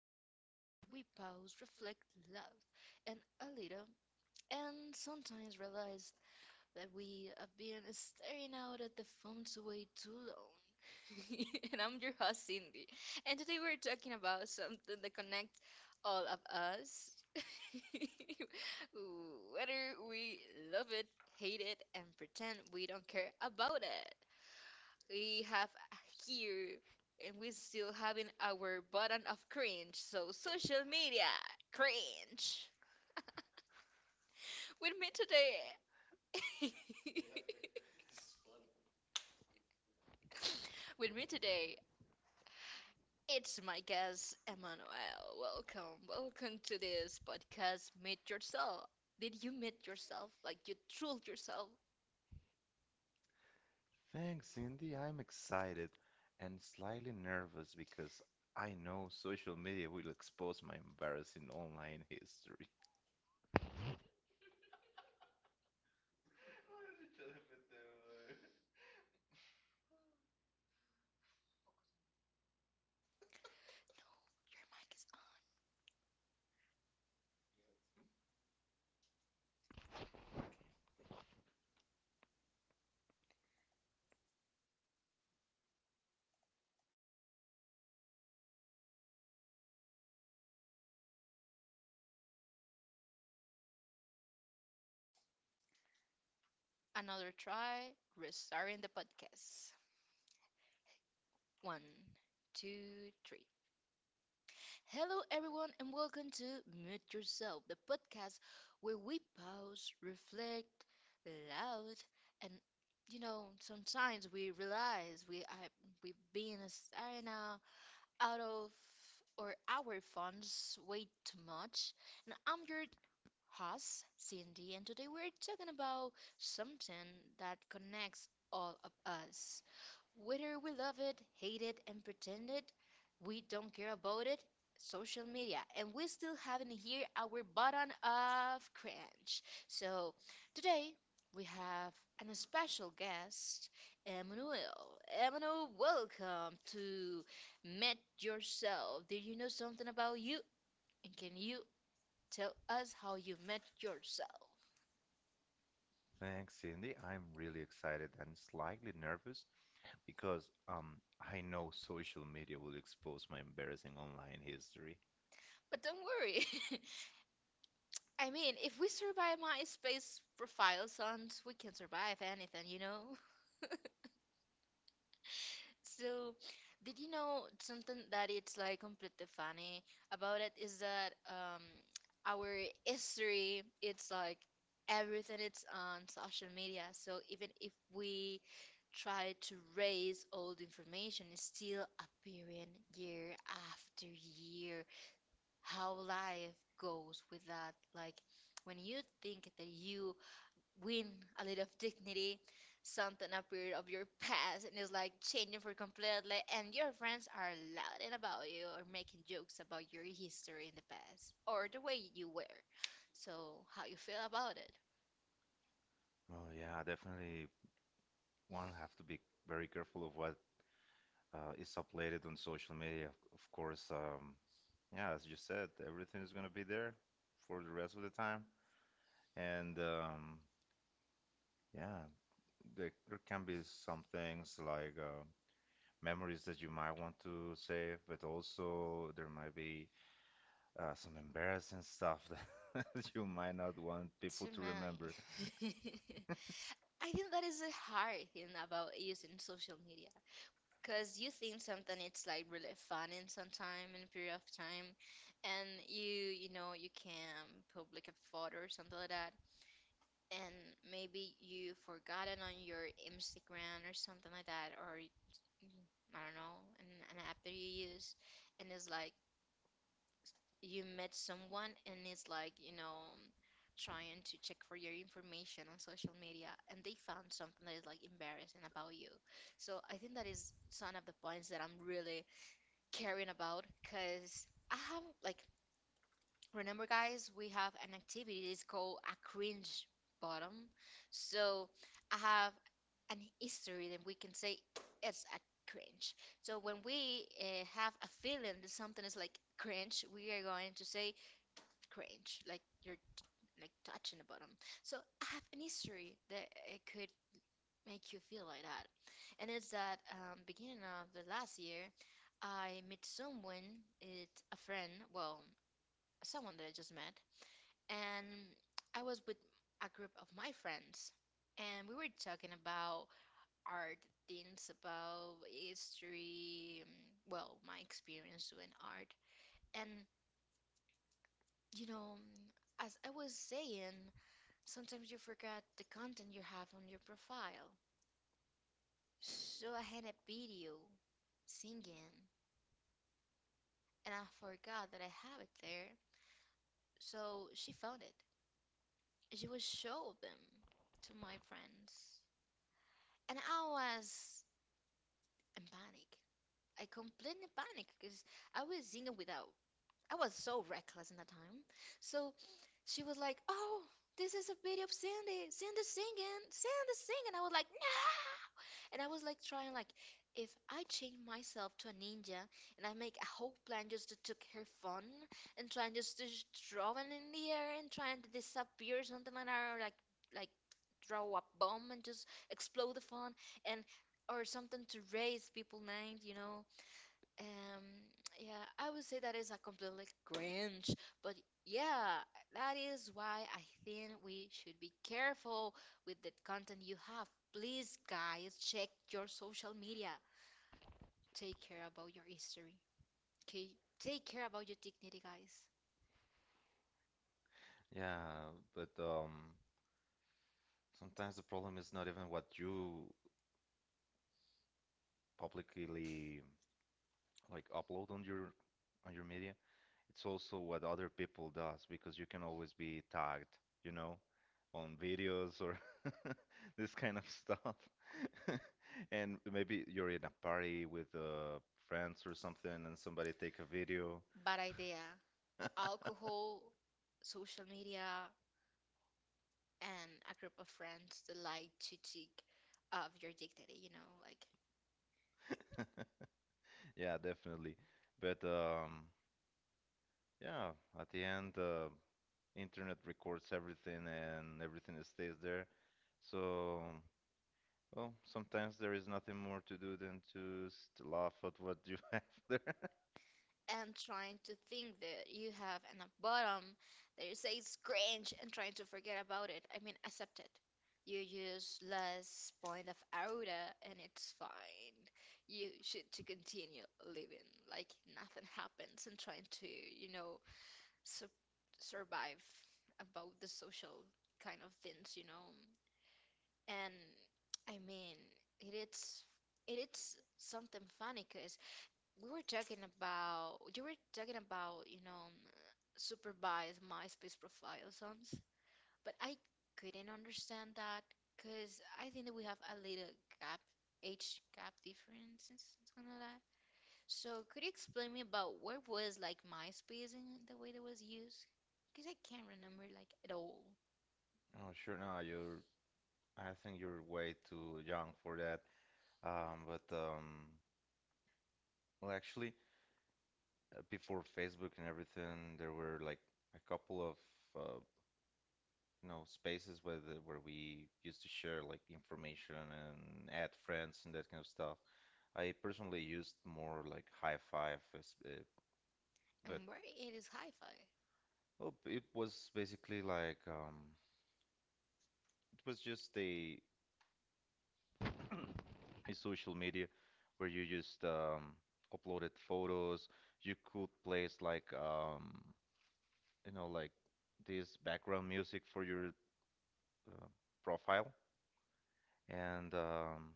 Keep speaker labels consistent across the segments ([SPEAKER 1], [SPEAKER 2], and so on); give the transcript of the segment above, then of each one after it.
[SPEAKER 1] podcast where we pause, reflect, laugh, and a little, and sometimes realize that we have been staring out at the phones way too long. And I'm your host, Cindy, and today we're talking about something that connects all of us, whether we love it, hate it, and pretend we don't care about it we have here and we still having our button of cringe, so social media cringe with me today. With me today it's my guest Emmanuel. Welcome, welcome to this podcast Meet Yourself. Did you meet yourself, like you trolled yourself?
[SPEAKER 2] Thanks, Cindy. I'm excited and slightly nervous because I know social media will expose my embarrassing online history.
[SPEAKER 1] Your mic is on. Another try, restarting the podcast. One, two, three. Hello, everyone, and welcome to Mute Yourself, the podcast where we pause, reflect, loud, and sometimes we realize we've been staring out, out of or our phones way too much. And I'm your host, Cindy, and today we're talking about something that connects all of us. Whether we love it, hate it, and pretend it, we don't care about it. Social media, and we still haven't hit our button of cringe. So today we have an special guest, Emmanuel. Emmanuel, welcome to Met Yourself. Did you know something about you? And can you tell us how you met yourself?
[SPEAKER 2] Thanks, Cindy. I'm really excited and slightly nervous because I know social media will expose my embarrassing online history.
[SPEAKER 1] But don't worry, I mean, if we survive MySpace profile, sons, we can survive anything, you know? So, did you know something that it's like completely funny about it is that our history, it's like everything it's on social media. So even if we try to raise old information, it's still appearing year after year. How life goes with that, like when you think that you win a little of dignity, something appeared of your past and it's like changing for completely, and your friends are laughing about you or making jokes about your history in the past or the way you were. So, how you feel about it?
[SPEAKER 2] Oh yeah, definitely one have to be very careful of what is uploaded on social media. Of course, yeah, as you said, everything is gonna be there for the rest of the time. And yeah, there can be some things like memories that you might want to save, but also there might be some embarrassing stuff that that you might not want
[SPEAKER 1] Too
[SPEAKER 2] people to remember.
[SPEAKER 1] many. I think that is a hard thing about using social media, because you think something it's like really fun in some time in a period of time, and you know, you can public a photo or something like that, and maybe you forgot it on your Instagram or something like that, or mm, I don't know, an app that you use, and it's like you met someone, and it's like, you know, trying to check for your information on social media, and they found something that is like embarrassing about you. So I think that is some of the points that I'm really caring about, because I have like, remember guys, we have an activity, it's called a cringe bottom. So I have an history that we can say it's a cringe. So when we have a feeling that something is like cringe, we are going to say cringe, like you're like touching the bottom. So I have an history that it could make you feel like that, and it's that beginning of the last year, I met someone, it's a friend, well, someone that I just met, and I was with a group of my friends, and we were talking about art things, about history, well, my experience doing art, and you know, as I was saying, sometimes you forget the content you have on your profile. So I had a video singing, and I forgot that I have it there. So she found it. She would show them to my friends. And I was in panic. I completely panicked because I was singing without. I was so reckless in that time. So she was like, "Oh, this is a video of Sandy. Sandy's singing. Sandy's singing." I was like, "No!" And I was like trying like if I change myself to a ninja, and I make a whole plan just to took her phone and trying just to throw it in the air and trying to disappear or something like that, or like throw a bomb and just explode the phone, and or something to raise people names, you know. Um, yeah, I would say that is a completely cringe, but yeah, that is why I think we should be careful with the content you have. Please, guys, check your social media. Take care about your history. Okay, take care about your dignity, guys.
[SPEAKER 2] Yeah, but sometimes the problem is not even what you publicly like upload on your media. It's also what other people does because you can always be tagged, you know? On videos or this kind of stuff. And maybe you're in a party with friends or something, and somebody take a video.
[SPEAKER 1] Bad idea. Alcohol, social media, and a group of friends that like to take of your dignity, you know, like.
[SPEAKER 2] Yeah, definitely. But yeah, at the end, internet records everything, and everything stays there. So, well, sometimes there is nothing more to do than to just laugh at what you have there.
[SPEAKER 1] And trying to think that you have in a bottom that you say it's cringe and trying to forget about it. I mean, accept it. You use less point of aura and it's fine. You should to continue living like nothing happens and trying to, you know, su survive about the social kind of things, you know. And I mean, it is it is something funny cause we were talking about you were talking about, you know, supervised MySpace profile songs, but I couldn't understand that, because I think that we have a little gap, age gap difference and something like that. So could you explain me about what was like MySpace and the way that was used? Because I can't remember like at all,
[SPEAKER 2] Oh, sure. No, you're. I think you're way too young for that. But Well, actually, before Facebook and everything, there were like a couple of uh, you know spaces where where we used to share like information and add friends and that kind of stuff. I personally used more like High Five,
[SPEAKER 1] and
[SPEAKER 2] but
[SPEAKER 1] where it is hi-fi.
[SPEAKER 2] well, it was basically like it was just a social media where you just uploaded photos. You could place like you know like this background music for your uh, profile. And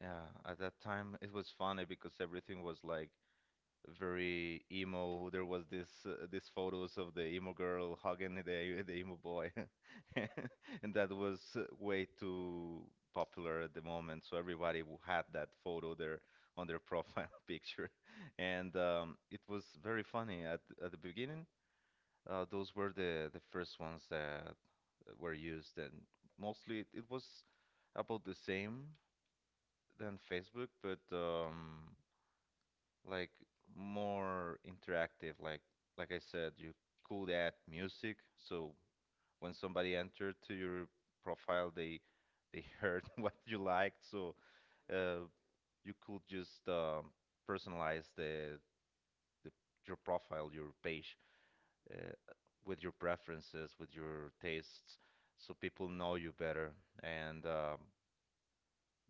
[SPEAKER 2] yeah, at that time it was funny because everything was like very emo. There was this these photos of the emo girl hugging the the emo boy, and that was way too popular at the moment. So everybody had that photo there on their profile picture, and it was very funny at the beginning. Those were the first ones that were used, and mostly it was about the same than Facebook, but like more interactive. Like I said, you could add music, so when somebody entered to your profile, they heard what you liked, so uh, you could just personalize the your profile, your page. uh, with your preferences, with your tastes, so people know you better. And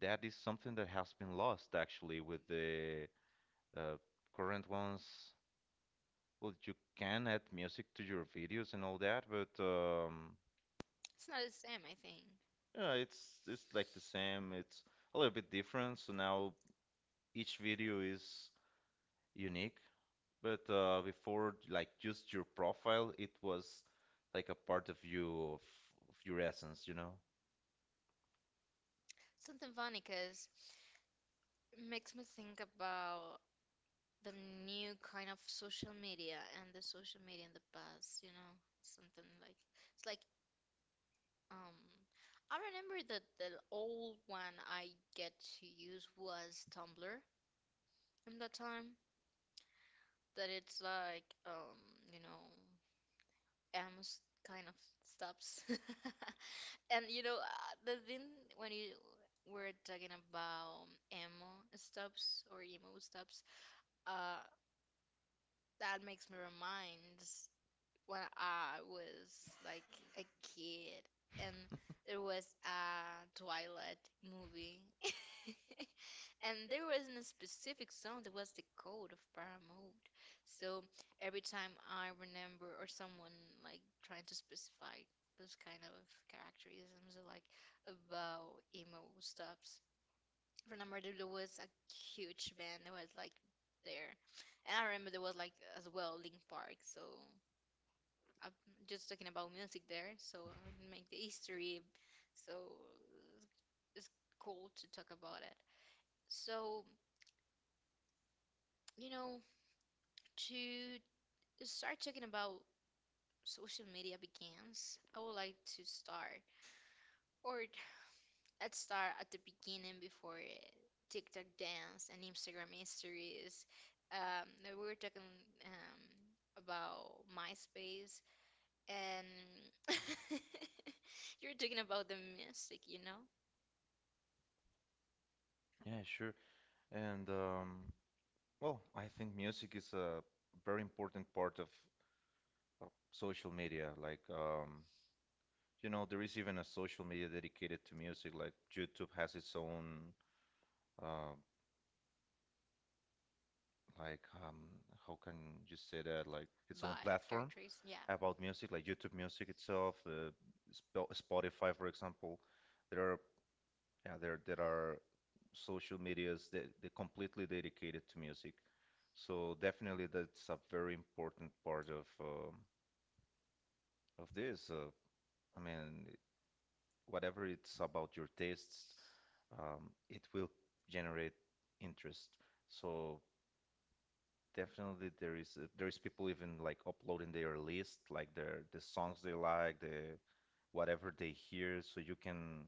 [SPEAKER 2] that is something that has been lost actually with the uh, current ones. Well, you can add music to your videos and all that, but
[SPEAKER 1] It's not the same, I think.
[SPEAKER 2] yeah, it's like the same. It's a little bit different. So now each video is unique. But before, like just your profile, it was like a part of you, of your essence, you know?
[SPEAKER 1] Something funny because it makes me think about the new kind of social media and the social media in the past, you know, something like it's like um I remember that the old one I get to use was Tumblr in that time, that it's like you know, almost kind of stops. And you know, the thing when you were talking about emo stops or emo stops, uh that makes me remind when I was like a kid, and there was a Twilight movie. And there wasn't a specific song, there was the code of Paramount. So every time I remember or someone like trying to specify those kind of characterisms like about emo stuffs, I remember there was a huge band that was like there. And I remember there was like as well Link Park, so I'm just talking about music there, so I make the history, so it's cool to talk about it. So, you know, to start talking about social media begins, I would like to start, or let's start at the beginning before TikTok dance and Instagram histories. Um, we were talking um, about MySpace, and you're talking about the music, you know?
[SPEAKER 2] Yeah, sure. And well, I think music is a very important part of social media. Like, you know, there is even a social media dedicated to music. Like, YouTube has its own, uh, like, um, how can you say that? Like, its own
[SPEAKER 1] By a
[SPEAKER 2] platform
[SPEAKER 1] characters. Yeah.
[SPEAKER 2] about music, like YouTube Music itself, Sp Spotify, for example. There are, yeah, there are social medias that they're completely dedicated to music. So definitely that's a very important part of this. I mean, whatever it's about your tastes, it will generate interest. So definitely there is people even like uploading their list, like the songs they like, the whatever they hear.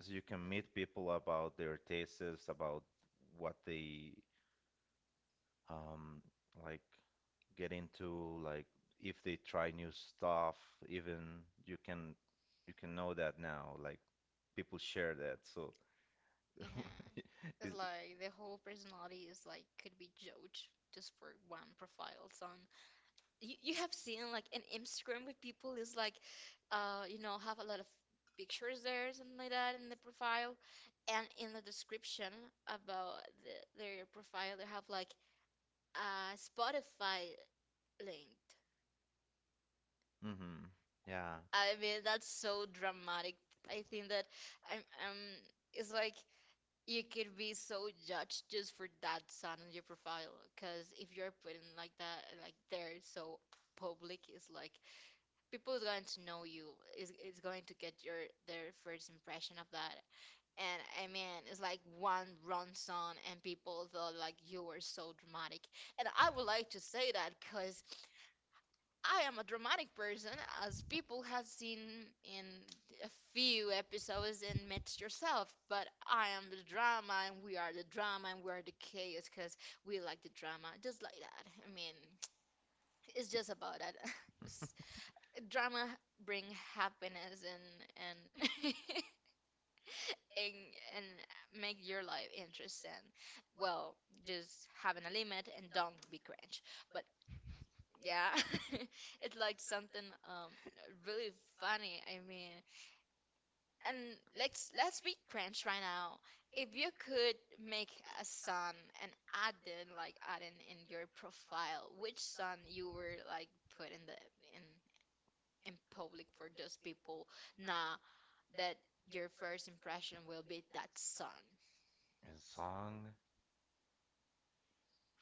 [SPEAKER 2] So you can meet people about their tastes, about what they um, like get into like if they try new stuff, even you can you can know that now. Like people share that, so
[SPEAKER 1] uh It's
[SPEAKER 2] it's,
[SPEAKER 1] like the whole personality is like could be judged just for one profile. So you have seen like an Instagram with people is like, you know, have a lot of pictures there, something like that in the profile, and in the description about the, their profile, they have like a Spotify linked.
[SPEAKER 2] hmm yeah.
[SPEAKER 1] I mean, that's so dramatic. I think that I'm, um, it's like you could be so judged just for that sound on your profile. Because if you're putting like that, like there, so public, it's like people is going to know you. Is it's going to get your their first impression of that. And I mean, it's like one wrong song, and people thought like you were so dramatic. And I would like to say that because I am a dramatic person, as people have seen in a few episodes in Mitch Yourself, but I am the drama, and we are the drama, and we are the chaos because we like the drama, just like that. I mean, it's just about that. S- Drama bring happiness and and and make your life interesting. Well, just having a limit and don't be cringe. But yeah, it's like something um really funny. I mean, and let's be cringe right now. If you could make a sun and add in like add in your profile, which sun you were like put in the in in public for those people, nah, that your first impression will be that sun.
[SPEAKER 2] A song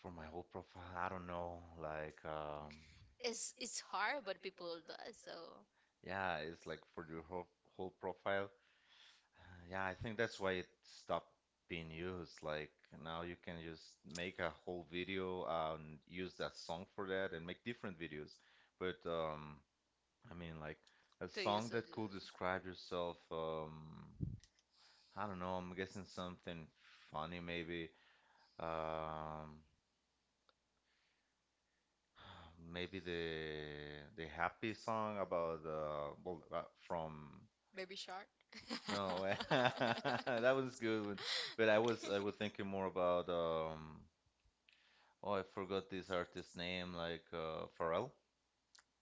[SPEAKER 2] for my whole profile, I don't know, like
[SPEAKER 1] It's hard, but people do it, so
[SPEAKER 2] yeah, it's like for your whole profile. Yeah, I think that's why it stopped being used. Like now you can just make a whole video and use that song for that and make different videos. But I mean, like a
[SPEAKER 1] to
[SPEAKER 2] song
[SPEAKER 1] use it.
[SPEAKER 2] that could describe yourself. I don't know. I'm guessing something funny, maybe. Um, maybe the happy song about from
[SPEAKER 1] Baby Shark? No,
[SPEAKER 2] No, that was good one. But I was thinking more about oh I forgot this artist name like Pharrell.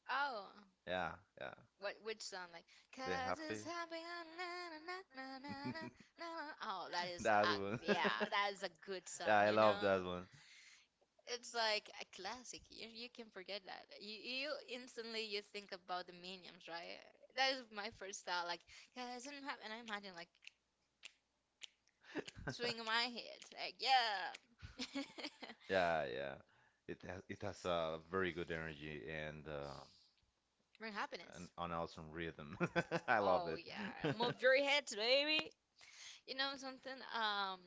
[SPEAKER 1] Oh,
[SPEAKER 2] Yeah, yeah.
[SPEAKER 1] what which song? Like, the
[SPEAKER 2] The
[SPEAKER 1] cause it's
[SPEAKER 2] happy.
[SPEAKER 1] happening. Na, na, na, na, na, na, na. Oh, that is,
[SPEAKER 2] That one.
[SPEAKER 1] yeah, that is a good
[SPEAKER 2] Yeah, I
[SPEAKER 1] song, you know?
[SPEAKER 2] love that one.
[SPEAKER 1] It's like a classic. You can forget that. You instantly you think about the Minions, right? That is my first thought. Like, cause it happy, and I imagine like swinging my head, like yeah,
[SPEAKER 2] Yeah, yeah. It has a very good energy and
[SPEAKER 1] bring happiness.
[SPEAKER 2] an awesome rhythm. I love
[SPEAKER 1] Oh
[SPEAKER 2] it.
[SPEAKER 1] yeah, move your heads, baby. You know something?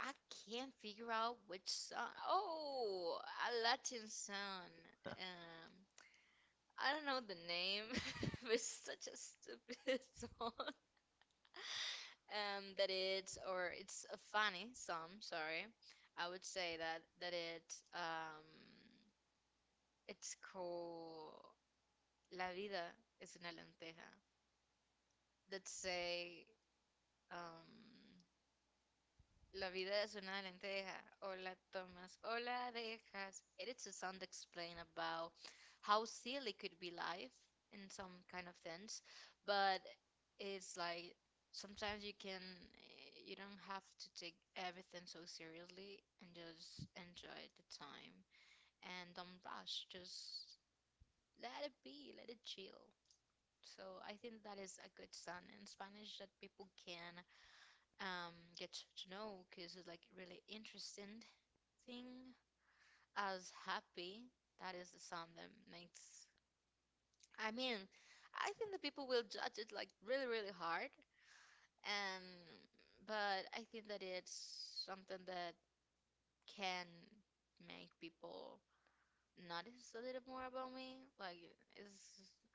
[SPEAKER 1] I can't figure out which song. Oh, a Latin song.
[SPEAKER 2] Okay,
[SPEAKER 1] Um, I don't know the name, but it's such a stupid song. That it's or it's a funny song. Sorry, I would say that it's called La vida es una lenteja. That say um. La vida es una lenteja, or la tomas, or la dejas. It's a song that explain about how silly could be life in some kind of sense, but it's like sometimes you can you don't have to take everything so seriously and just enjoy the time and don't rush. Just let it be, let it chill. So I think that is a good song in Spanish that people can get to know because it's like really interesting thing as happy. That is the sound that makes. I mean, I think that people will judge it like really, really hard, and but I think that it's something that can make people notice a little more about me. Like, is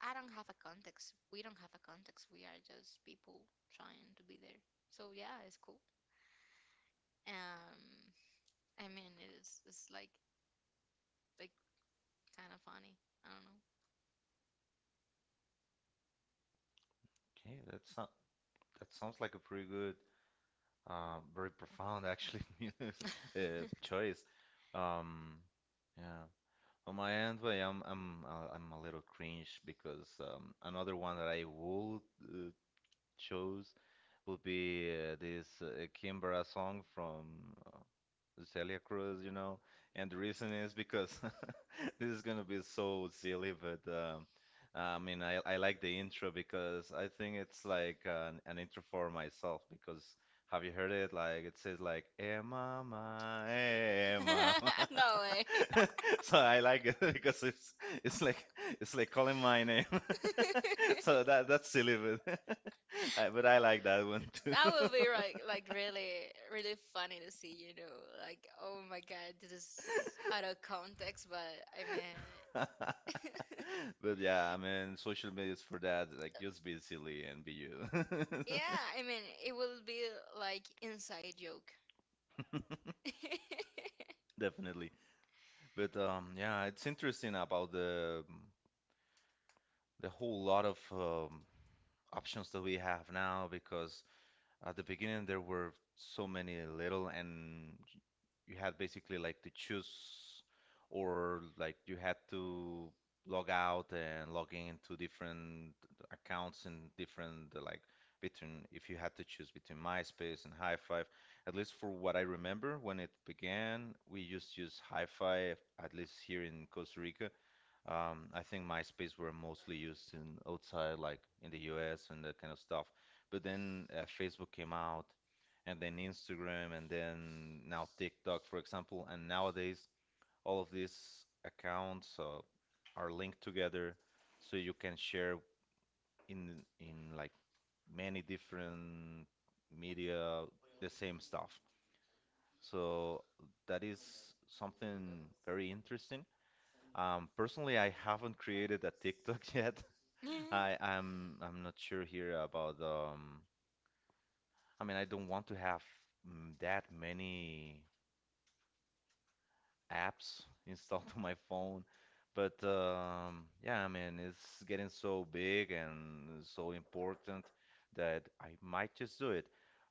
[SPEAKER 1] I don't have a context. We don't have a context. We are just people trying to be there. So yeah, it's cool. Um, I mean, it's like like kind of funny. I don't know.
[SPEAKER 2] that sounds that sounds like a pretty good, very profound actually music,
[SPEAKER 1] uh,
[SPEAKER 2] choice. Um, yeah. On my end, well, yeah, I'm a little cringe because another one that I would uh, chose would be this Kimbra song from Celia Cruz, you know, and the reason is because this is gonna be so silly, but I mean, I like the intro because I think it's like an intro for myself because have you heard it? Like it says like, "Eh, mama, eh, mama."
[SPEAKER 1] no way.
[SPEAKER 2] So I like it because it's like it's like calling my name. So that that's silly, but I, but I like that one too.
[SPEAKER 1] That would be like really really funny to see, you know, like oh my god, this is out of context, but I mean yeah, I
[SPEAKER 2] But yeah, I mean, social media is for that. Like, just be silly and be you.
[SPEAKER 1] Yeah, I mean it will be like inside joke.
[SPEAKER 2] Definitely. But yeah, it's interesting about the whole lot of options that we have now because at the beginning there were so many little and you had basically like to choose or like you had to log out and log in into different accounts and different between if you had to choose between MySpace and High Five, at least for what I remember when it began, we just used High Five, at least here in Costa Rica, I think MySpace were mostly used in outside, like in the US and that kind of stuff. But then Facebook came out, and then Instagram, and then now TikTok, for example. And nowadays, all of these accounts are linked together, so you can share in like many different media the same stuff. So that is something very interesting. Personally, I haven't created a TikTok yet,
[SPEAKER 1] All I,
[SPEAKER 2] I I'm not sure here about I mean I don't want to have that many apps installed on my phone but yeah I mean it's getting so big and so important that I might just do it.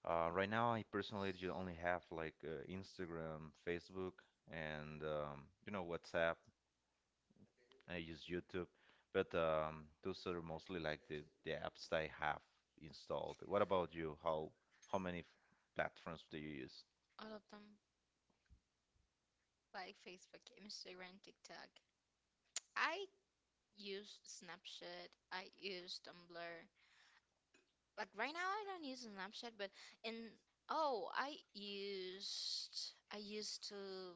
[SPEAKER 2] Right now I personally only have like Instagram, Facebook and you know WhatsApp I use YouTube, but those are mostly like the apps that I have installed. What about you? How many platforms do you use?
[SPEAKER 1] All of them, like Facebook, Instagram, TikTok. I use Snapchat. I use Tumblr. Like right now, I don't use Snapchat, but in oh, I used to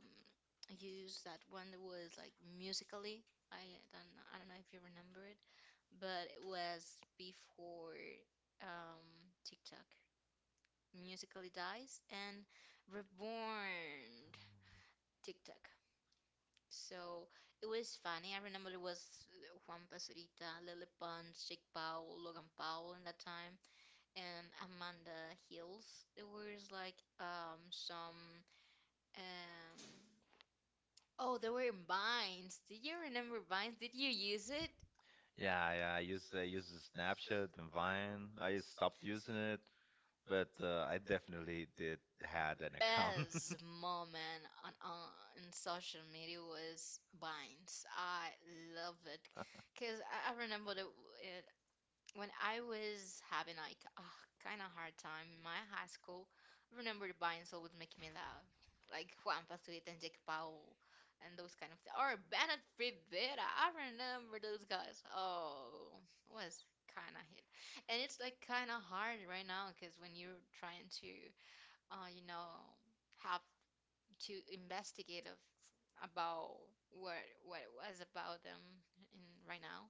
[SPEAKER 1] use that one that was like musically. I I don't know if you remember it, but it was before um TikTok. Musically dies and reborn TikTok. So it was funny. I remember it was Juan Pazurita, Lily Pons, Jake Powell, Logan Powell in that time, and Amanda Hills. There was like some um oh they were in Vines. Did you remember Vines? Did you use it?
[SPEAKER 2] Yeah, yeah, I use Snapchat and Vine. I stopped using it, but I definitely did had an account.
[SPEAKER 1] Best moment on in social media was Vines. I love it because I remember the, it When I was having like a kind of hard time in my high school, I remember the buying soul would make me laugh, like Juan Pazurita and Jake Paul, and those kind of things. Or Bennett Rivera, I remember those guys. Oh, it was kind of hit, and it's like kind of hard right now because when you're trying to, you know, have to investigate of about what what it was about them in right now,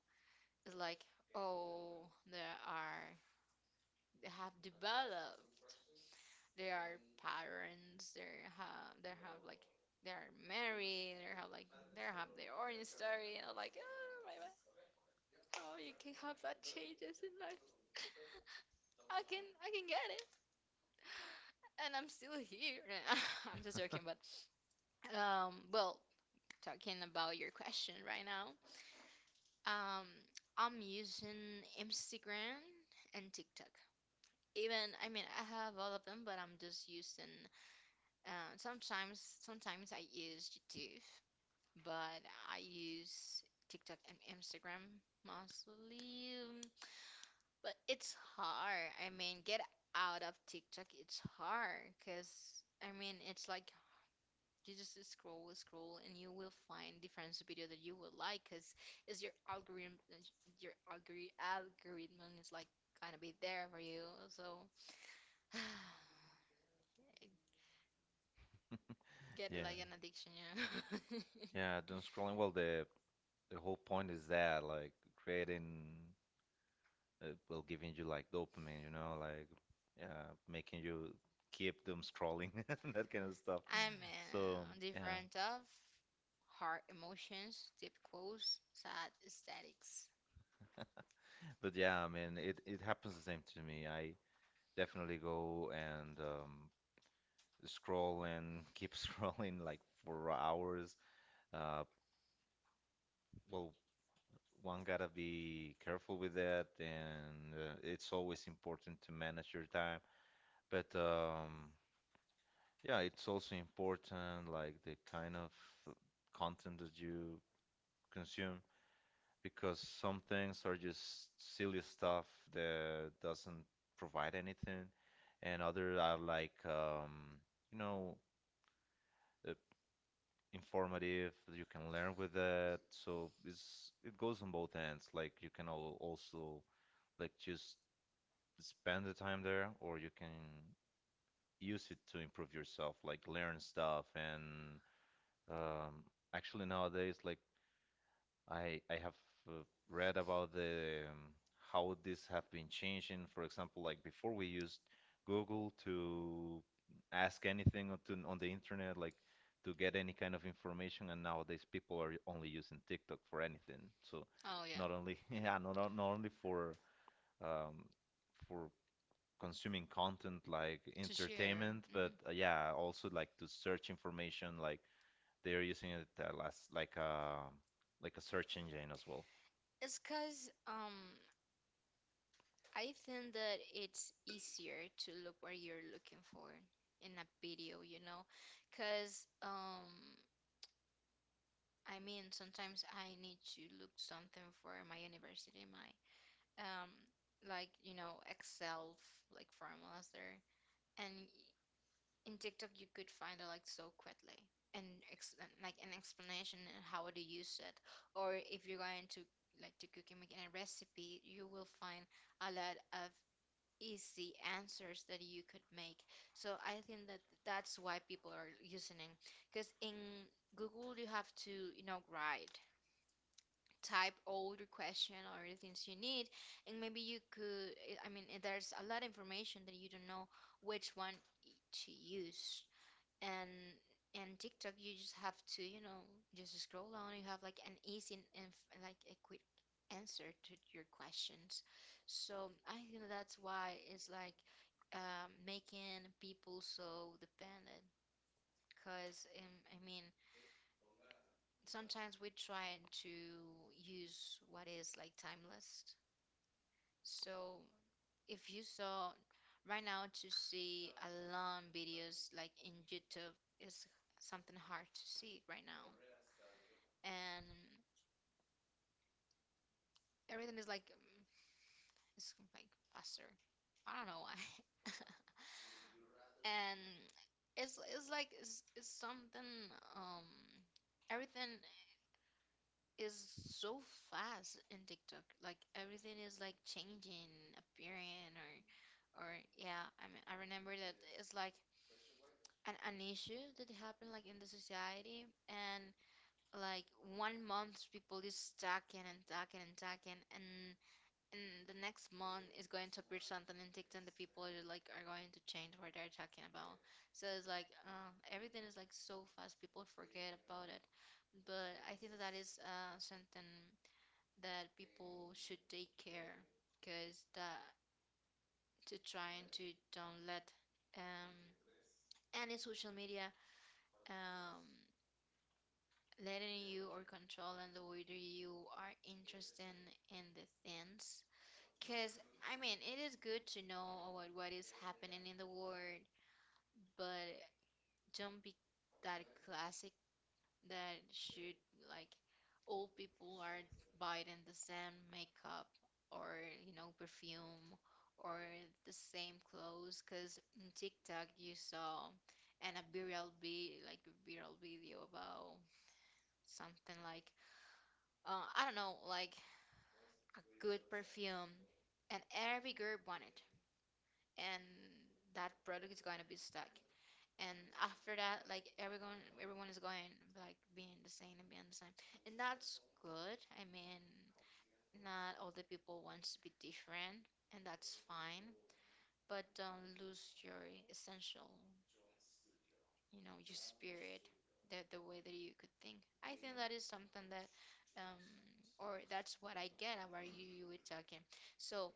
[SPEAKER 1] it's like. Oh, there are have developed their parents they have like they are married they have like they have their own story, and I'm like oh my god how you can have that changes in life. I can get it, and I'm still here. I'm just joking, but well, talking about your question right now, um I'm using Instagram and TikTok. Even I mean I have all of them, but I'm just using sometimes I use YouTube, but I use TikTok and Instagram mostly. But it's hard. I mean, get out of TikTok, it's hard because I mean, it's like you just scroll, scroll, and you will find different video that you will like because it's your algorithm, your algorithm is like gonna be there for you. So, get
[SPEAKER 2] Yeah.
[SPEAKER 1] like an addiction, yeah.
[SPEAKER 2] Yeah, doom scrolling. Well, the whole point is that like creating will giving you like dopamine, you know, like making you keep them scrolling that kind of stuff.
[SPEAKER 1] I'm So,
[SPEAKER 2] So yeah,
[SPEAKER 1] different of hard emotions, deep quotes, sad aesthetics.
[SPEAKER 2] but yeah, I mean, it happens the same to me. I definitely go and scroll and keep scrolling like for hours. Uh, well, one gotta be careful with that, and it's always important to manage your time. But yeah, it's also important, like the kind of uh, content that you consume, because some things are just silly stuff that doesn't provide anything, and other are like, you know, uh, informative, that you can learn with it. So it goes on both ends. Like you can al also like just spend the time there, or you can use it to improve yourself, like learn stuff and Um, actually, nowadays, like I have uh, read about the how this have been changing. For example, like before we used Google to ask anything on, to, on the internet, like to get any kind of information, and nowadays people are only using TikTok for anything. So
[SPEAKER 1] Oh yeah,
[SPEAKER 2] not only yeah, not only um, for consuming content like
[SPEAKER 1] to share.
[SPEAKER 2] entertainment,
[SPEAKER 1] Hmm
[SPEAKER 2] but yeah, also like to search information like they're using it as like a search engine as well.
[SPEAKER 1] It's cause I think that it's easier to look what you're looking for in a video, you know, cause I mean sometimes I need to look something for my university, my um, like you know Excel like formulas there, and in TikTok you could find it like so quickly and like an explanation and how to use it, or if you're going to like to cook and make a recipe, you will find a lot of easy answers that you could make. So I think that that's why people are using it, because in Google you have to you know write type all your question or the things you need and maybe you could I mean there's a lot of information that you don't know which one to use, and and tiktok you just have to you know just scroll down, you have like an easy and like a quick answer to your questions. So I think that's why it's like making people so dependent because I mean sometimes we try to use what is like timeless. So if you saw right now to see a long videos like in YouTube is something hard to see right now. And everything is like it's like faster. I don't know why. and it's something um everything is so fast in TikTok. Like everything is like changing, appearing, or yeah. I mean, I remember that it's like an issue that happened like in the society, and like 1 month people is talking and talking and talking, and the next month is going to appear something in TikTok that people are like are going to change what they're talking about. So it's like everything is like so fast, people forget about it. But I think that that is something that people should take care because that to trying to don't let um any social media um letting you or controlling the way that you are interested in the things, because I mean it is good to know about what is happening in the world, but don't be that classic that should like old people are buying the same makeup or you know perfume or the same clothes because in TikTok you saw, and a viral be like viral video about something like I don't know like a good perfume and every girl wanted, and that product is going to be stuck, and after that like everyone is going like being the same and being the same, and that's good. I mean, not all the people wants to be different, and that's fine, but don't lose your essential, you know, your spirit, the way that you could think. I think that is something that um or that's what I get about you you were talking. So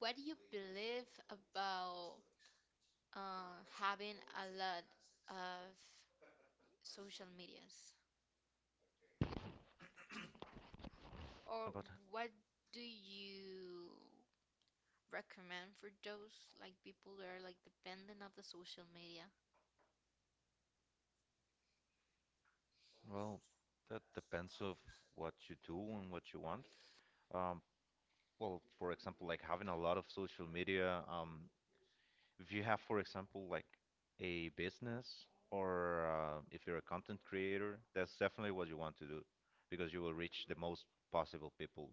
[SPEAKER 1] what do you believe about having a lot of social medias? Or
[SPEAKER 2] But
[SPEAKER 1] what do you recommend for those like people that are like dependent of the social media?
[SPEAKER 2] well, that depends of what you do and what you want. Um, well, for example, like having a lot of social media. If you have, for example, like a business or if you're a content creator, that's definitely what you want to do because you will reach the most possible people.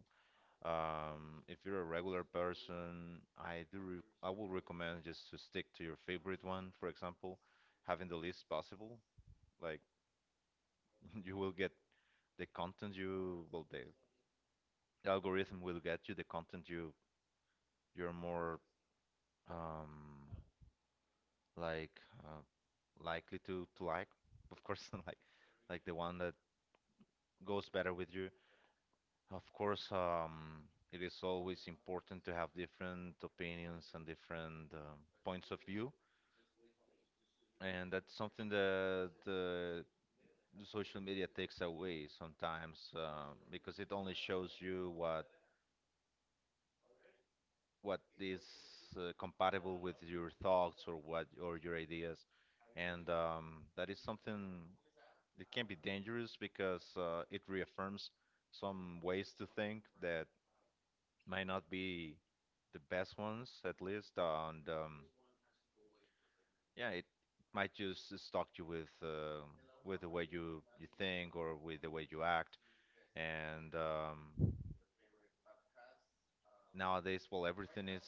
[SPEAKER 2] If you're a regular person, I do re I will recommend just to stick to your favorite one. For example, having the least possible, like you will get the algorithm will get you the content you're more um like uh, likely to like. Of course, like the one that goes better with you. Of course, it is always important to have different opinions and different points of view. And that's something that the social media takes away sometimes because it only shows you what is compatible with your thoughts or what or your ideas, and that is something it can be dangerous because it reaffirms some ways to think that might not be the best ones, at least. And yeah, it might just stalk you with the way you think or with the way you act. And nowadays, well, everything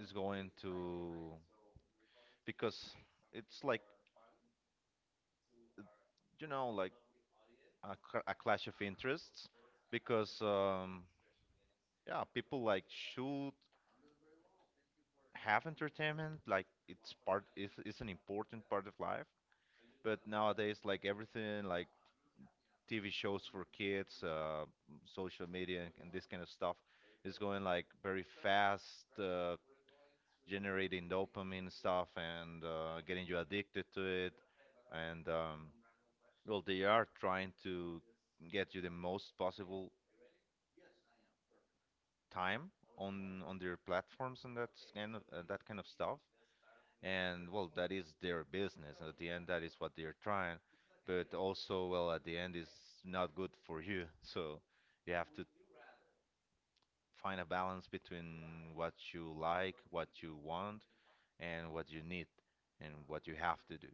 [SPEAKER 2] is going to because it's like, you know like a, a clash of interests. Because yeah, people should have entertainment, like it's an important part of life, but nowadays, like everything like TV shows for kids, social media, and this kind of stuff is going like very fast. Generating dopamine stuff and getting you addicted to it. And well, they are trying to get you the most possible time on their platforms, and that's kind of that kind of stuff. And well, that is their business. At the end, that is what they're trying. But also, well, at the end, it's not good for you. So you have to find a balance between what you like, what you want, and what you need, and what you have to do.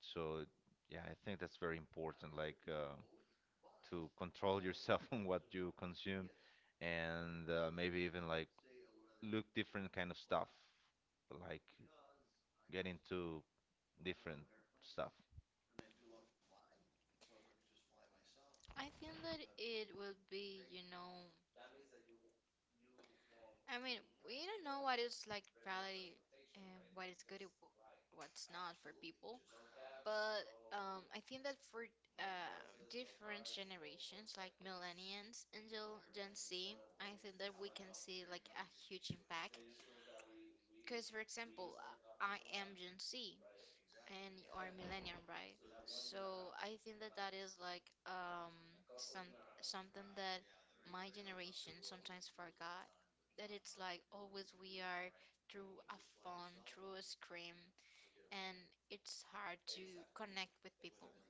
[SPEAKER 2] So yeah, I think that's very important, like to control yourself on what you consume, and maybe even like look different kind of stuff, like get into different stuff.
[SPEAKER 1] I think that it will be, you know, I mean, we don't know what is like reality and what is good and what's not for people. But I think that for different generations, like millennials and Gen Z, I think that we can see like a huge impact. Because, for example, I am Gen Z and you are millennial, right? So I think that that is like some something that my generation sometimes forgot. That it's like always we are through a phone, through a screen, and it's hard to connect with people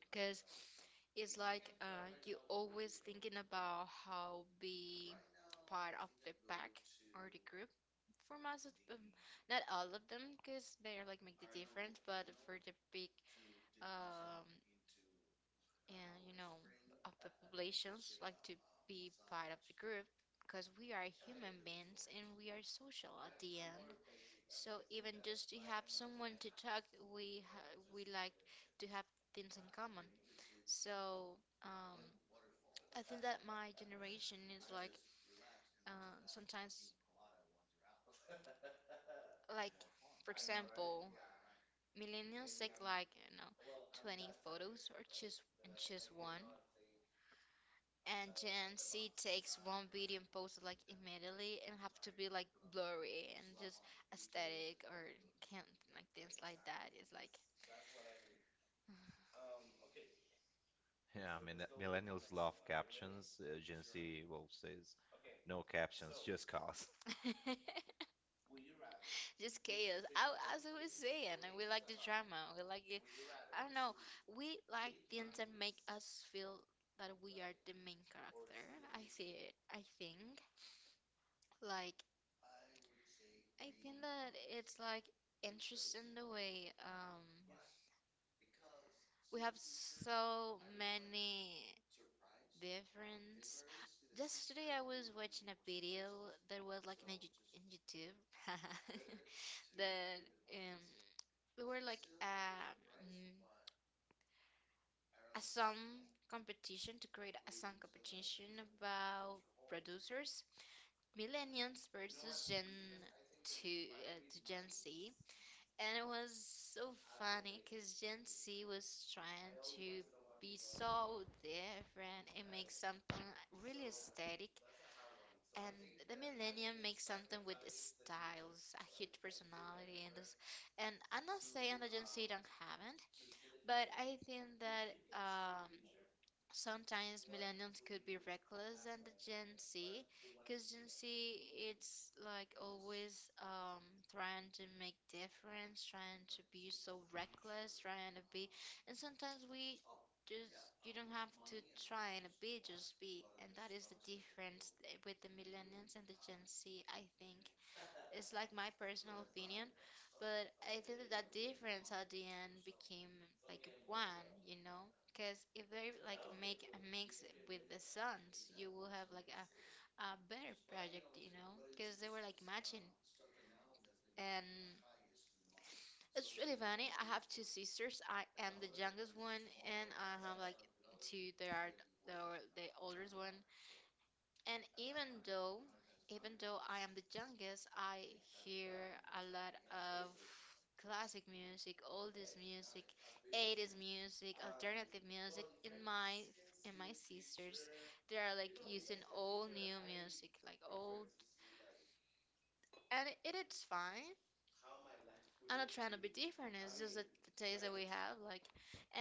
[SPEAKER 1] because it's like you always thinking about how be part of the pack or the group. For most, of, not all of them, because they are like make the difference. But for the big um, and you know of the populations like to be part of the group, because we are human beings and we are social at the end, so even just to have someone to talk we like to have things in common. So um I think that my generation is like sometimes like for example millennials take like you know 20 photos or choose and choose one, and then she takes one video medium pose like immediately and have to be like blurry and just aesthetic or can't like things like that. It's like
[SPEAKER 2] Yeah, I mean, millennials love captions. Gen Z, well, says no captions, just cause.
[SPEAKER 1] just chaos. I, as I was saying, and we like the drama. We like it. I don't know. We like things that make us feel that we are the main character. I see it. I think like I think that it's like interesting the way we have so many difference. Just today I was watching a video that was like in YouTube that um we were like a song competition to create a song competition about producers Millennials versus Gen to Gen Z, and it was so funny because Gen Z was trying to be so different and make something really aesthetic, and the Millennium makes something with styles, a huge personality, and this. And I'm not saying the Gen Z don't haven't, but I think that sometimes millennials could be reckless. And the Gen Z, because Gen Z it's like always trying to make difference, trying to be so reckless, trying to be. And sometimes we just, you don't have to try and be, just be. And that is the difference with the millennials and the Gen Z, I think. It's like my personal opinion, but I think that, that difference at the end became like one, you know? Because if they like make a mix with the Suns, you will have like a better project, you know? Because they were like matching, and it's really funny. I have two sisters. I am the youngest one, and I have like two. They are the the oldest one. And even though I am the youngest, I hear a lot of classic music, oldies music, 80s music, alternative music. In my sisters, they are like using all new music, like old, and it's fine. I'm not trying to be different. It's just that the taste that we have, like,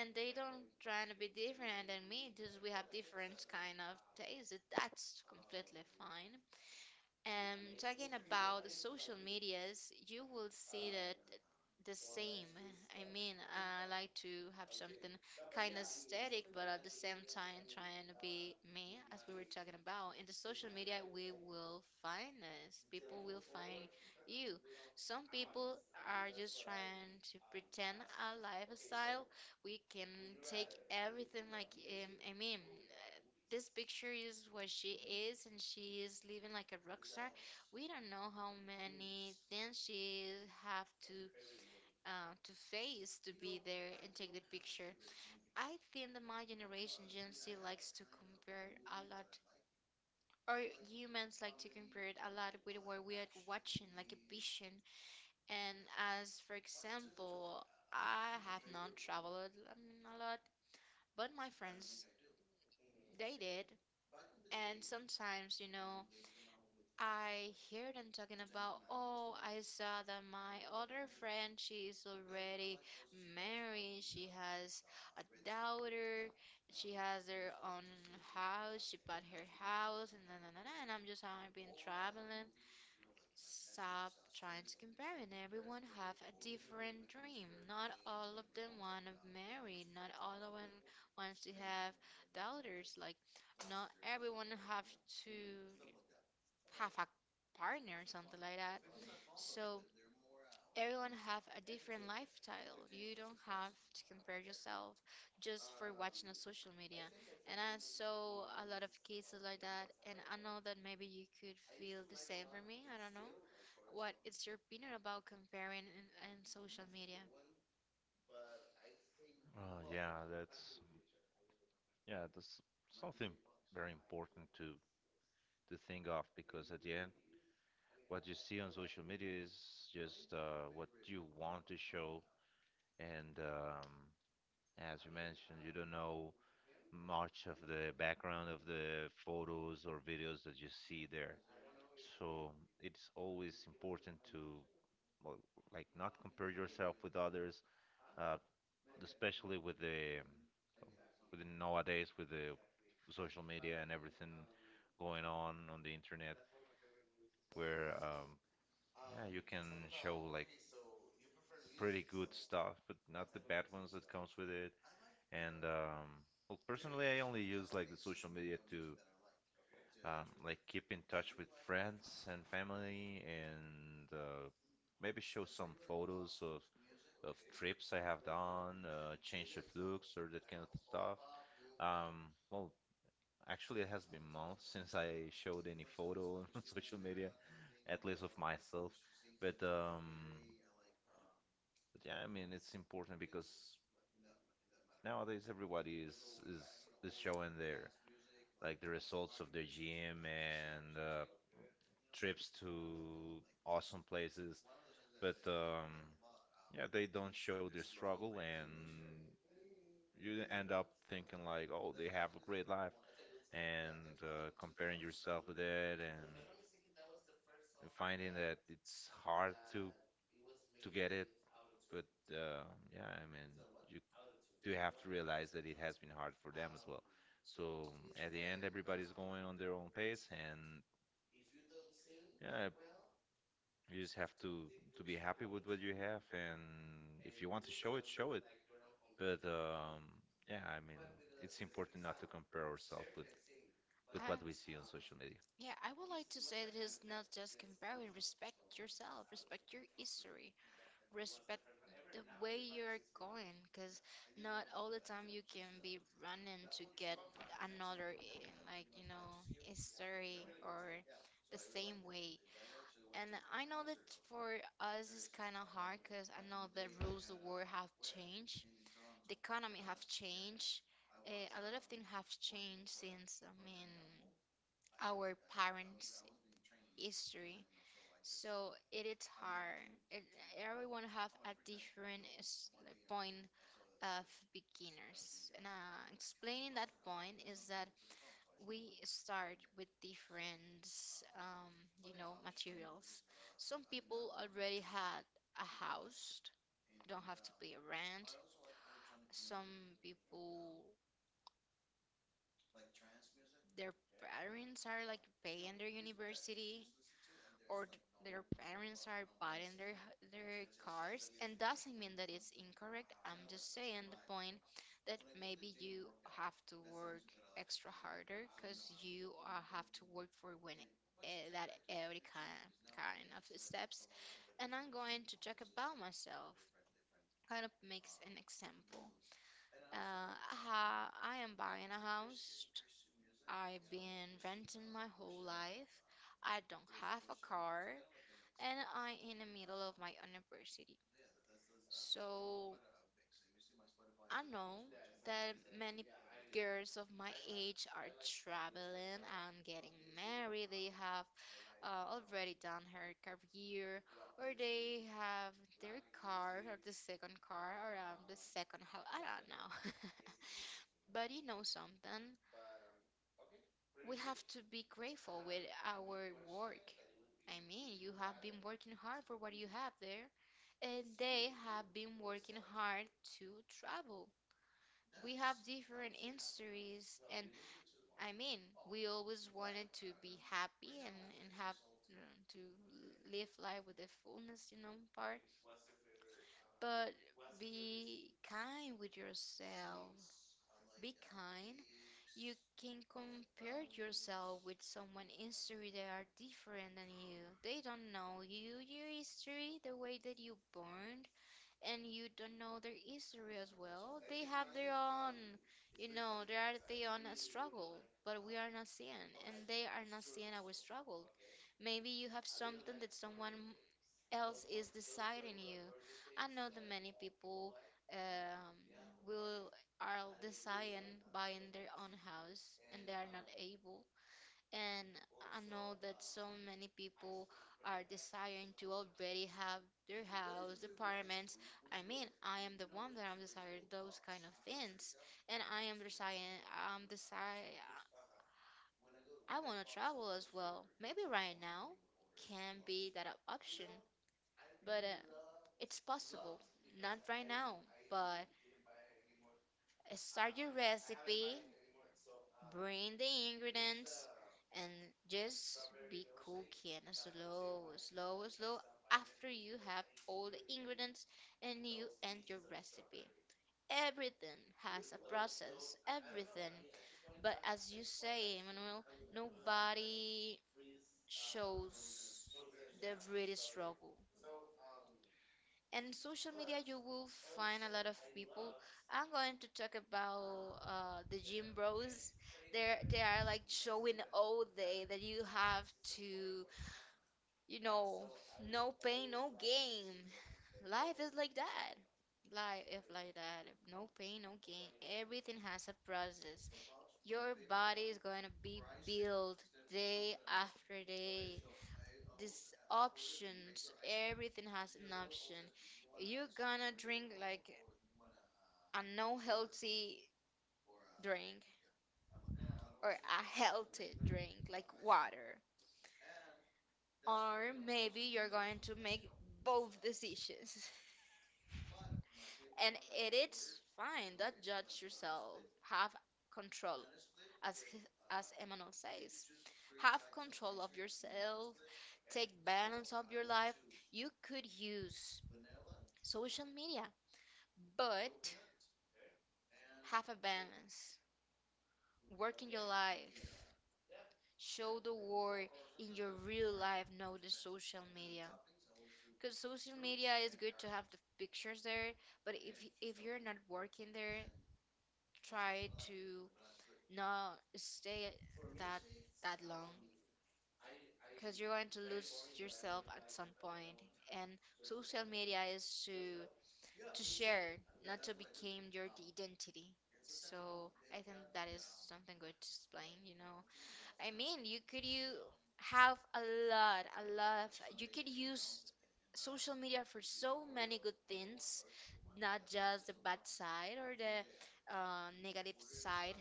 [SPEAKER 1] and they don't trying to be different than me. Just we have different kind of taste. That's completely fine. And talking about the social medias, you will see that the same. I mean, I like to have something kind of aesthetic, but at the same time trying to be me, as we were talking about. In the social media, we will find us. People will find you. Some people are just trying to pretend a lifestyle. We can take everything like, I mean, this picture is what she is, and she is living like a rock star. We don't know how many things she have to face to be there and take the picture. I think that my generation, Gen Z, likes to compare a lot, or humans like to compare it a lot with what we are watching, like a vision. And as for example, I have not traveled, I mean, a lot, but my friends. They did. And sometimes, you know, I hear them talking about, oh, I saw that my other friend, she's already married, she has a daughter, she has her own house, she bought her house, and na na na na. And I'm just, I've been traveling. Stop trying to compare, and everyone have a different dream. Not all of them want to marry, not all of them wants to have daughters. Like not everyone have to have a partner or something like that. So everyone have a different lifestyle. You don't have to compare yourself just for watching on social media. And I saw a lot of cases like that, and I know that maybe you could feel the same for me. I don't know. What is your opinion about comparing in social media?
[SPEAKER 2] Uh, yeah, that's yeah, that's something very important to think of, because at the end, what you see on social media is just what you want to show. And as you mentioned, you don't know much of the background of the photos or videos that you see there. So it's always important to, well, like not compare yourself with others, uh, especially with the, nowadays with the social media and everything going on the internet, where yeah, you can show like pretty good stuff, but not the bad ones that comes with it. And well, personally, I only use like the social media to like keep in touch with friends and family, and maybe show some photos of trips I have done, change of looks or that kind of stuff. Um, well, actually, it has been months since I showed any photo on social media, at least of myself. But um, but yeah, I mean, it's important because nowadays everybody is is showing their, like, the results of their gym and trips to awesome places. But yeah, they don't show their struggle, and you end up thinking like, oh, they have a great life, and comparing yourself with it, and finding that it's hard to get it. But uh, yeah, I mean, you do have to realize that it has been hard for them as well. So at the end, everybody's going on their own pace, and yeah, you just have to be happy with what you have, and if you want to show it, show it. But yeah, I mean, it's important not to compare ourselves with
[SPEAKER 1] I,
[SPEAKER 2] what we see on social media.
[SPEAKER 1] yeah, I would like to say that it's not just comparing, respect yourself, respect your history. Respect the way you're going, because not all the time you can be running to get another like you know, a story or the same way. And I know that for us it's kind of hard, because I know the rules of war have changed, the economy have changed, uh, a lot of things have changed since, I mean, our parents' history. So it is hard. It, everyone have a different point of beginners. And explaining that point is that we start with different, um, you know, materials. Some people already had a house, don't have to pay a rent. Some people their parents are like paying their university, or their parents are buying their their cars, and doesn't mean that it's incorrect. I'm just saying the point that maybe you have to work extra harder, because you have to work for winning, that every kind of steps. And I'm going to talk about myself, kind of makes an example. I am buying a house. I've been renting my whole life. I don't have a car, and I in the middle of my university. So I know that many girls of my age are traveling and getting married. They have already done her career, or they have their car or the second car around the second house. I don't know. But you know something? We have to be grateful with our work. I mean, you have been working hard for what you have there, and they have been working hard to travel. We have different histories, and I mean, we always wanted to be happy and have, you know, to live life with the fullness, you know, part. But be kind with yourself. Be kind. You can compare yourself with someone history that are different than you. They don't know you, your history, the way that you born, and you don't know their history as well. They have their own, you know, they are their own struggle, but we are not seeing, and they are not seeing our struggle. Maybe you have something that someone else is deciding you. I know that many people um, will are deciding buying their own house, and they are not able. And I know that so many people are desiring to already have their house, apartments. I mean, I am the one that I'm desiring those kind of things. And I am desiring, I'm desire, I want to travel as well. Maybe right now can be that option, but it's possible. Not right now, but start your recipe, bring the ingredients, and just be cooking slow, slow, slow, after you have all the ingredients and you end your recipe. Everything has a process, everything. But as you say, Emmanuel, nobody shows the really struggle. In social media, you will find a lot of people. I'm going to talk about the gym bros. They are like showing all day that you have to, you know, no pain, no gain. Life is like that. Life is like that. No pain, no gain. Everything has a process. Your body is going to be built day after day. These options, everything has an option. You're gonna drink like a no healthy drink, or a healthy drink like water. Or maybe you're going to make both decisions. And it is fine. Don't judge yourself. Have control, as he- as Emmanuel says. Have control of yourself. Take balance of your life. You could use social media, but have a balance. Work in your life. Show the war in your real life, not the social media. Because social media is good to have the pictures there, but if you're not working there, try to not stay that that long, because you're going to lose yourself at some point. And social media is to share, not to become your identity. So I think that is something good to explain, you know. I mean, you could you have a lot of, you could use social media for so many good things, not just the bad side or the negative side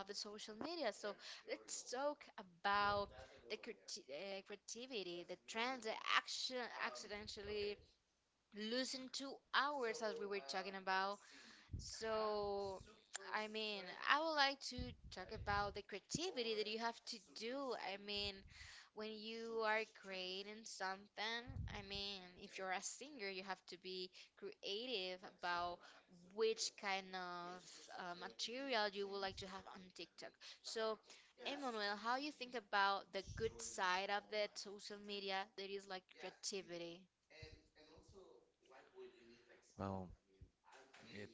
[SPEAKER 1] of the social media. So let's talk about the creativity, the trends that action accidentally losing 2 hours as we were talking about. So, I mean, I would like to talk about the creativity that you have to do. I mean, when you are creating something, I mean, if you're a singer, you have to be creative about which kind of material you would like to have on TikTok. So, Emmanuel, how you think about the good side of the social media that is like creativity?
[SPEAKER 2] Well, it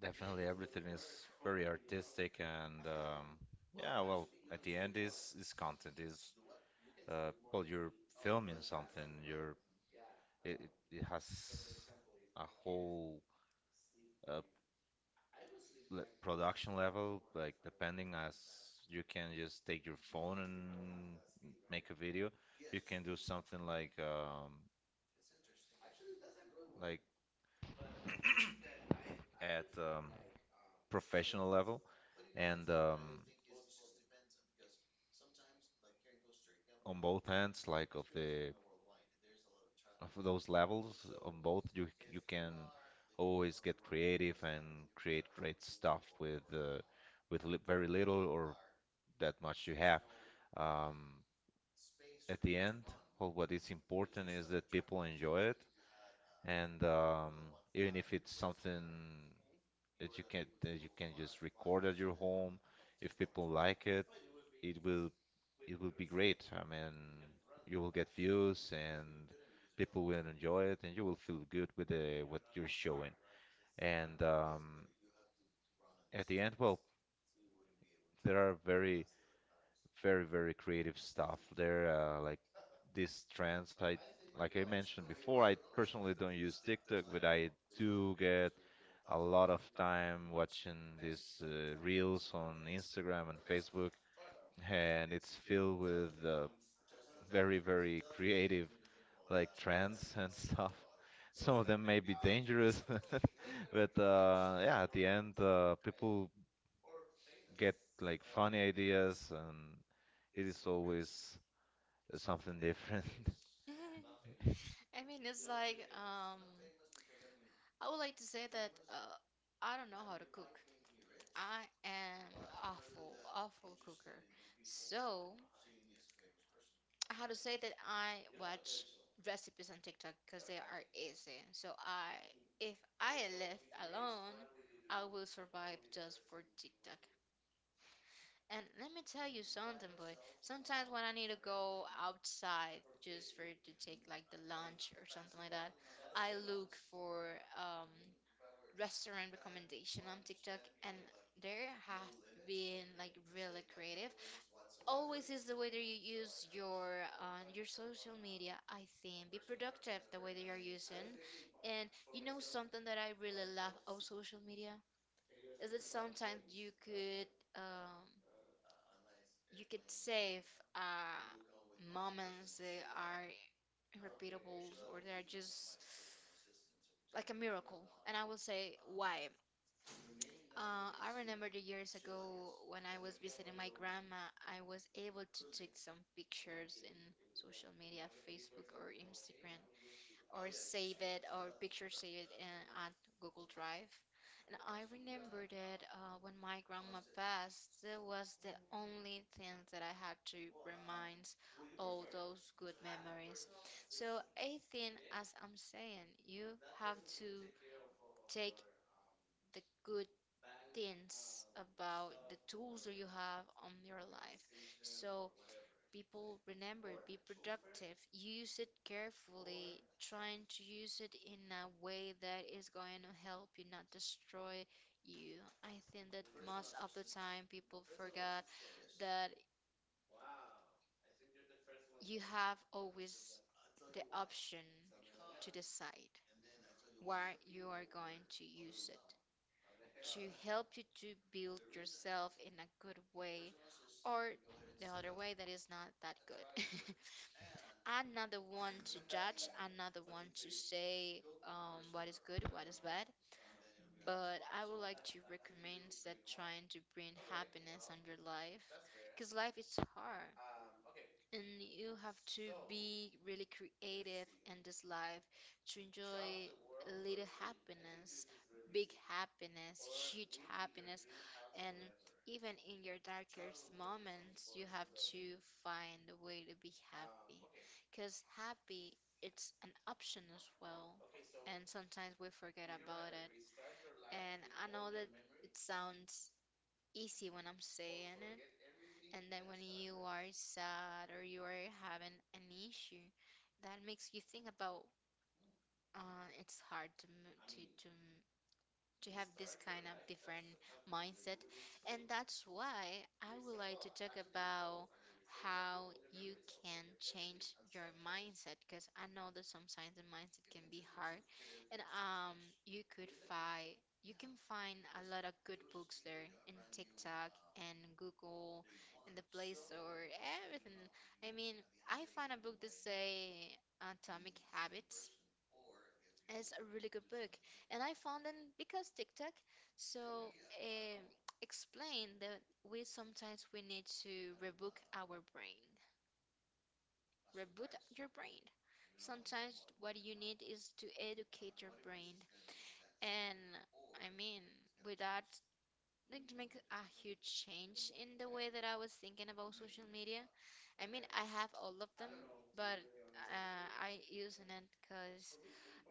[SPEAKER 2] definitely everything is very artistic, and yeah, well, at the end, is content, is well, you're filming something. You're it has a whole uh, production level. Like, depending, as you can just take your phone and make a video, you can do something like at professional level. And on both ends, like of the, of those levels, on both you can always get creative and create great stuff with li very little or that much you have. um, at the end, well, what is important is that people enjoy it. And even if it's something that you can just record at your home, if people like it, it will it will be great. I mean, you will get views and people will enjoy it, and you will feel good with the what you're showing. And at the end, well, there are very creative stuff. There are like these trends, I like I mentioned before. I personally don't use TikTok, but I do get a lot of time watching these reels on Instagram and Facebook, and it's filled with very creative like trends and stuff. Some of them may be dangerous, but yeah, at the end, people get like funny ideas, and it is always something different.
[SPEAKER 1] I mean, it's like, I would like to say that I don't know how to cook. I am awful, awful cooker. So, how to say that I watch recipes on TikTok because they are easy. So I, if I left alone, I will survive just for TikTok. And let me tell you something, boy. Sometimes when I need to go outside just for to take like the lunch or something like that, I look for um restaurant recommendation on TikTok, and there have been like really creative. Always is the way that you use your social media. I think be productive the way that you are using, and you know something that I really love of social media. Is it sometimes um, you could save uh, moments that are repeatable or they are just like a miracle? And I will say why. I remember the years ago when I was visiting my grandma, I was able to take some pictures in social media, Facebook or Instagram, or save it or picture save it in, at Google Drive. And I remember that when my grandma passed, that was the only thing that I had to remind all those good memories. So I think, as I'm saying, you have to take the good things about the tools that you have on your life. So people remember, be productive, use it carefully, trying to use it in a way that is going to help you, not destroy you. I think that most of the time people forgot that you have always the option to decide where you are going to use it to help you to build yourself in a good way, or the other way that is not that good. Another one to judge, another one to say what is good, what is bad. But I would like to recommend that trying to bring happiness on your life, because life is hard and you have to be really creative in this life to enjoy little happiness, big happiness, huge happiness, and even in your darkest moments, you have to find a way to be happy. Because happy, it's an option as well, and sometimes we forget about it. And I know that it sounds easy when I'm saying it. And then when you are sad or you are having an issue, that makes you think about it's hard to to have this kind of different mindset. And that's why I would like to talk about how you can change your mindset, because I know that sometimes the mindset can be hard, and you could find you can find a lot of good books there in TikTok and Google and the Play Store, everything. I mean, I found a book that say Atomic Habits. It's a really good book, and I found it because TikTok. So, um, Explain that we sometimes we need to reboot our brain. Reboot your brain. Sometimes what you need is to educate your brain. And I mean, with that, it makes a huge change in the way that I was thinking about social media. I mean, I have all of them, but I use it because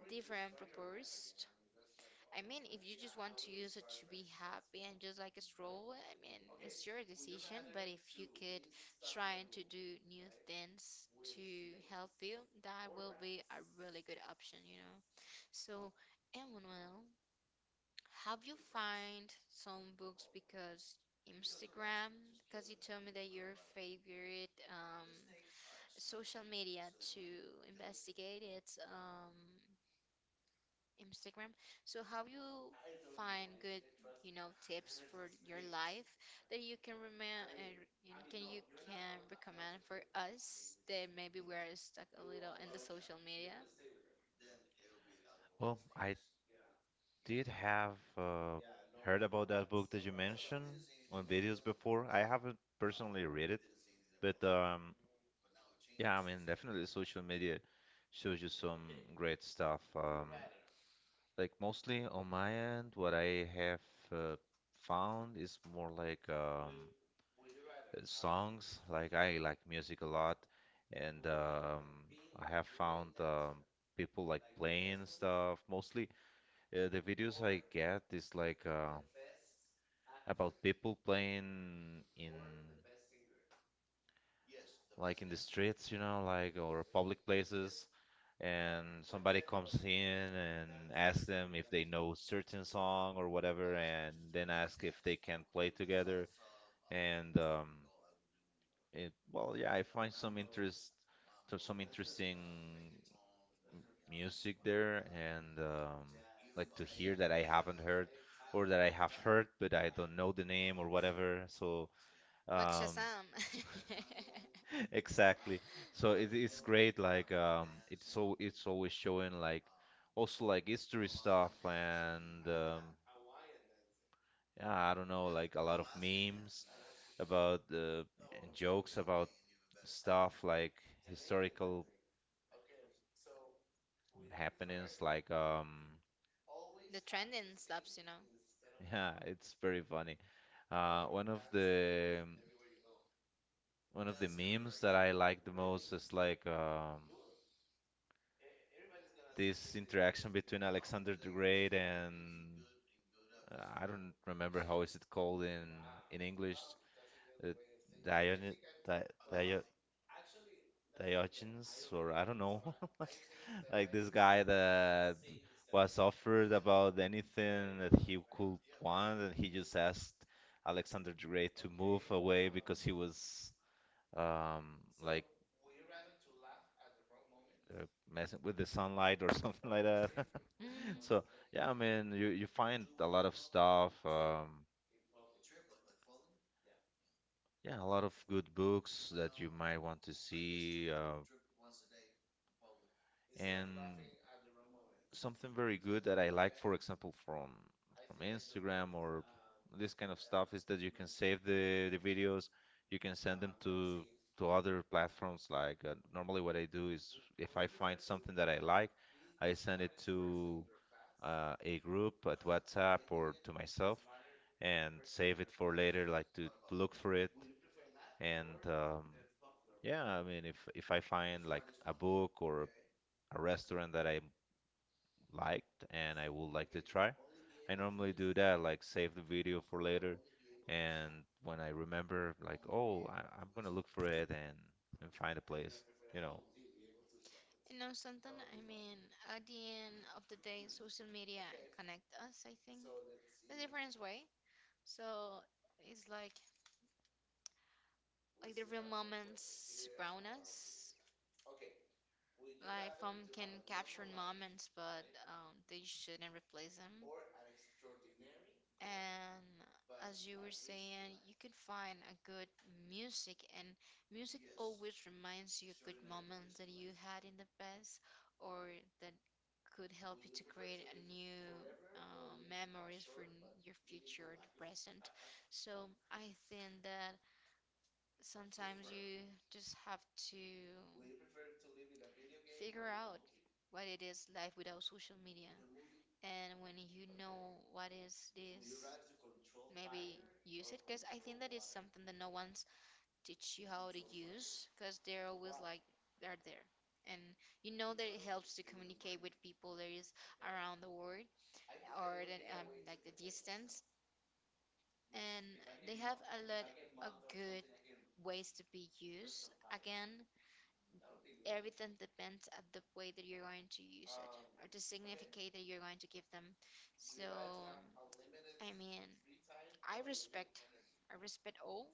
[SPEAKER 1] different purpose. I mean, if you just want to use it to be happy and just like a stroll, I mean, it's your decision. But if you could try and to do new things to help you, that will be a really good option, you know. So, Emmanuel, have you find some books because Instagram? Because you told me that your favorite social media to investigate it. Instagram. So how you find good, you know, tips for your life that you can remember and can you can recommend for us that maybe we're stuck a little in the social media?
[SPEAKER 2] Well, I did have heard about that book that you mentioned on videos before. I haven't personally read it, but yeah, I mean, definitely social media shows you some great stuff. Like mostly on my end, what I have uh, found is more like songs. Like, I like music a lot, and I have found people like playing stuff. Mostly the videos I get is like about people playing in, like in the streets, you know, like, or public places, and somebody comes in and asks them if they know certain song or whatever, and then ask if they can play together. And it, well, yeah, I find some interesting music there. And like to hear that I haven't heard, or that I have heard but I don't know the name or whatever. So
[SPEAKER 1] Like
[SPEAKER 2] um,
[SPEAKER 1] Shazam.
[SPEAKER 2] exactly. So it, it's great. Like it's so it's always showing like also like history stuff. And yeah, I don't know, like a lot of memes about and jokes about stuff like historical happenings. Like
[SPEAKER 1] The trending stops, you know.
[SPEAKER 2] yeah, it's very funny. Uh, one of the One of the memes that I like the most is like this interaction between Alexander the Great and I don't remember how is it called in English, uh, Dion Di Dio Diogenes, or I don't know, like this guy that was offered about anything that he could want, and he just asked Alexander the Great to move away because he was um like uh, messing with the sunlight or something like that.
[SPEAKER 1] Mm,
[SPEAKER 2] So yeah, I mean, you find a lot of stuff. Yeah, a lot of good books that you might want to see, and something very good that I like, for example, from Instagram or this kind of stuff, is that you can save the videos, you can send them to other platforms. Like normally, what I do is if I find something that I like, I send it to a group at WhatsApp or to myself and save it for later, like to look for it. And yeah, I mean, if I find like a book or a restaurant that I liked and I would like to try, I normally do that, like save the video for later. And when I remember, like, oh, I'm gonna look for it and find a place, you know.
[SPEAKER 1] you know something? I mean, at the end of the day, social media connect us, I think, in a different way. So it's like the real moments surround us. Like film can capture moments, but they shouldn't replace them. And as you were saying, you could find a good music, and music always reminds you of good moments that you had in the past, or that could help you to create a new memories for your future or the present. So I think that sometimes you just have to figure out what it is life without social media. And when you know what is this, maybe use it. Because I think that it's something that no one's teach you how to use. Because they're always like, they're there. And you know that it helps to communicate with people that is around the world, or that, like the distance. And they have a lot of good ways to be used. Again, everything depends at the way that you're going to use it or the significance that you're going to give them. So, I mean, I respect, I respect all,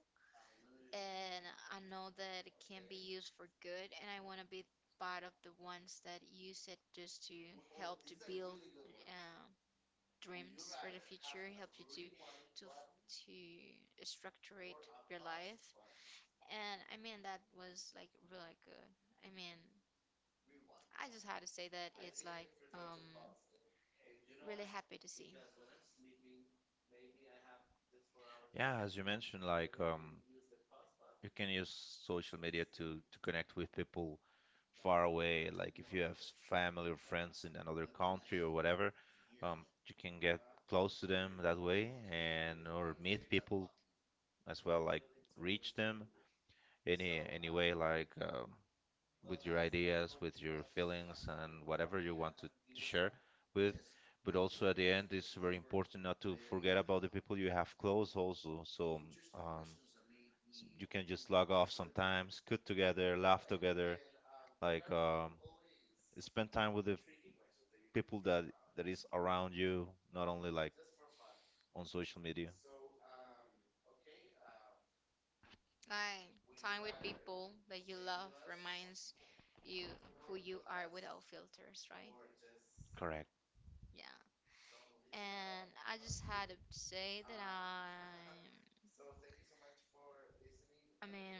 [SPEAKER 1] and I know that it can be used for good, and I want to be part of the ones that use it just to help to build uh, dreams for the future, help you to to to structure it your life. And I mean that was like really good. I mean, I just had to say that it's like really happy to see.
[SPEAKER 2] Yeah, as you mentioned, like you can use social media to connect with people far away. Like if you have family or friends in another country or whatever, you can get close to them that way and or meet people as well. Like reach them any way. Like with your ideas, with your feelings, and whatever you want to share with. But also at the end, it's very important not to forget about the people you have close also. So um, you can just log off sometimes, cook together, laugh together, like spend time with the people that is around you, not only like on social media.
[SPEAKER 1] Like time with people that you love reminds you who you are without filters, right?
[SPEAKER 2] Correct.
[SPEAKER 1] Yeah. And I just had to say that I mean,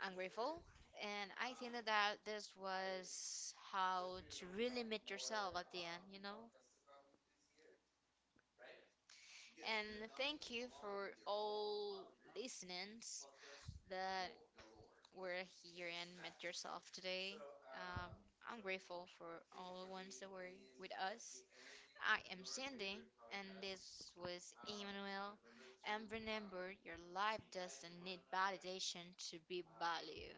[SPEAKER 1] I'm grateful. And I think that, this was how to really meet yourself at the end, you know? And thank you for all listeners that we're here and met yourself today. Um, I'm grateful for all the ones that were with us. I am Sandy, and this was Emmanuel. And remember, your life doesn't need validation to be valued.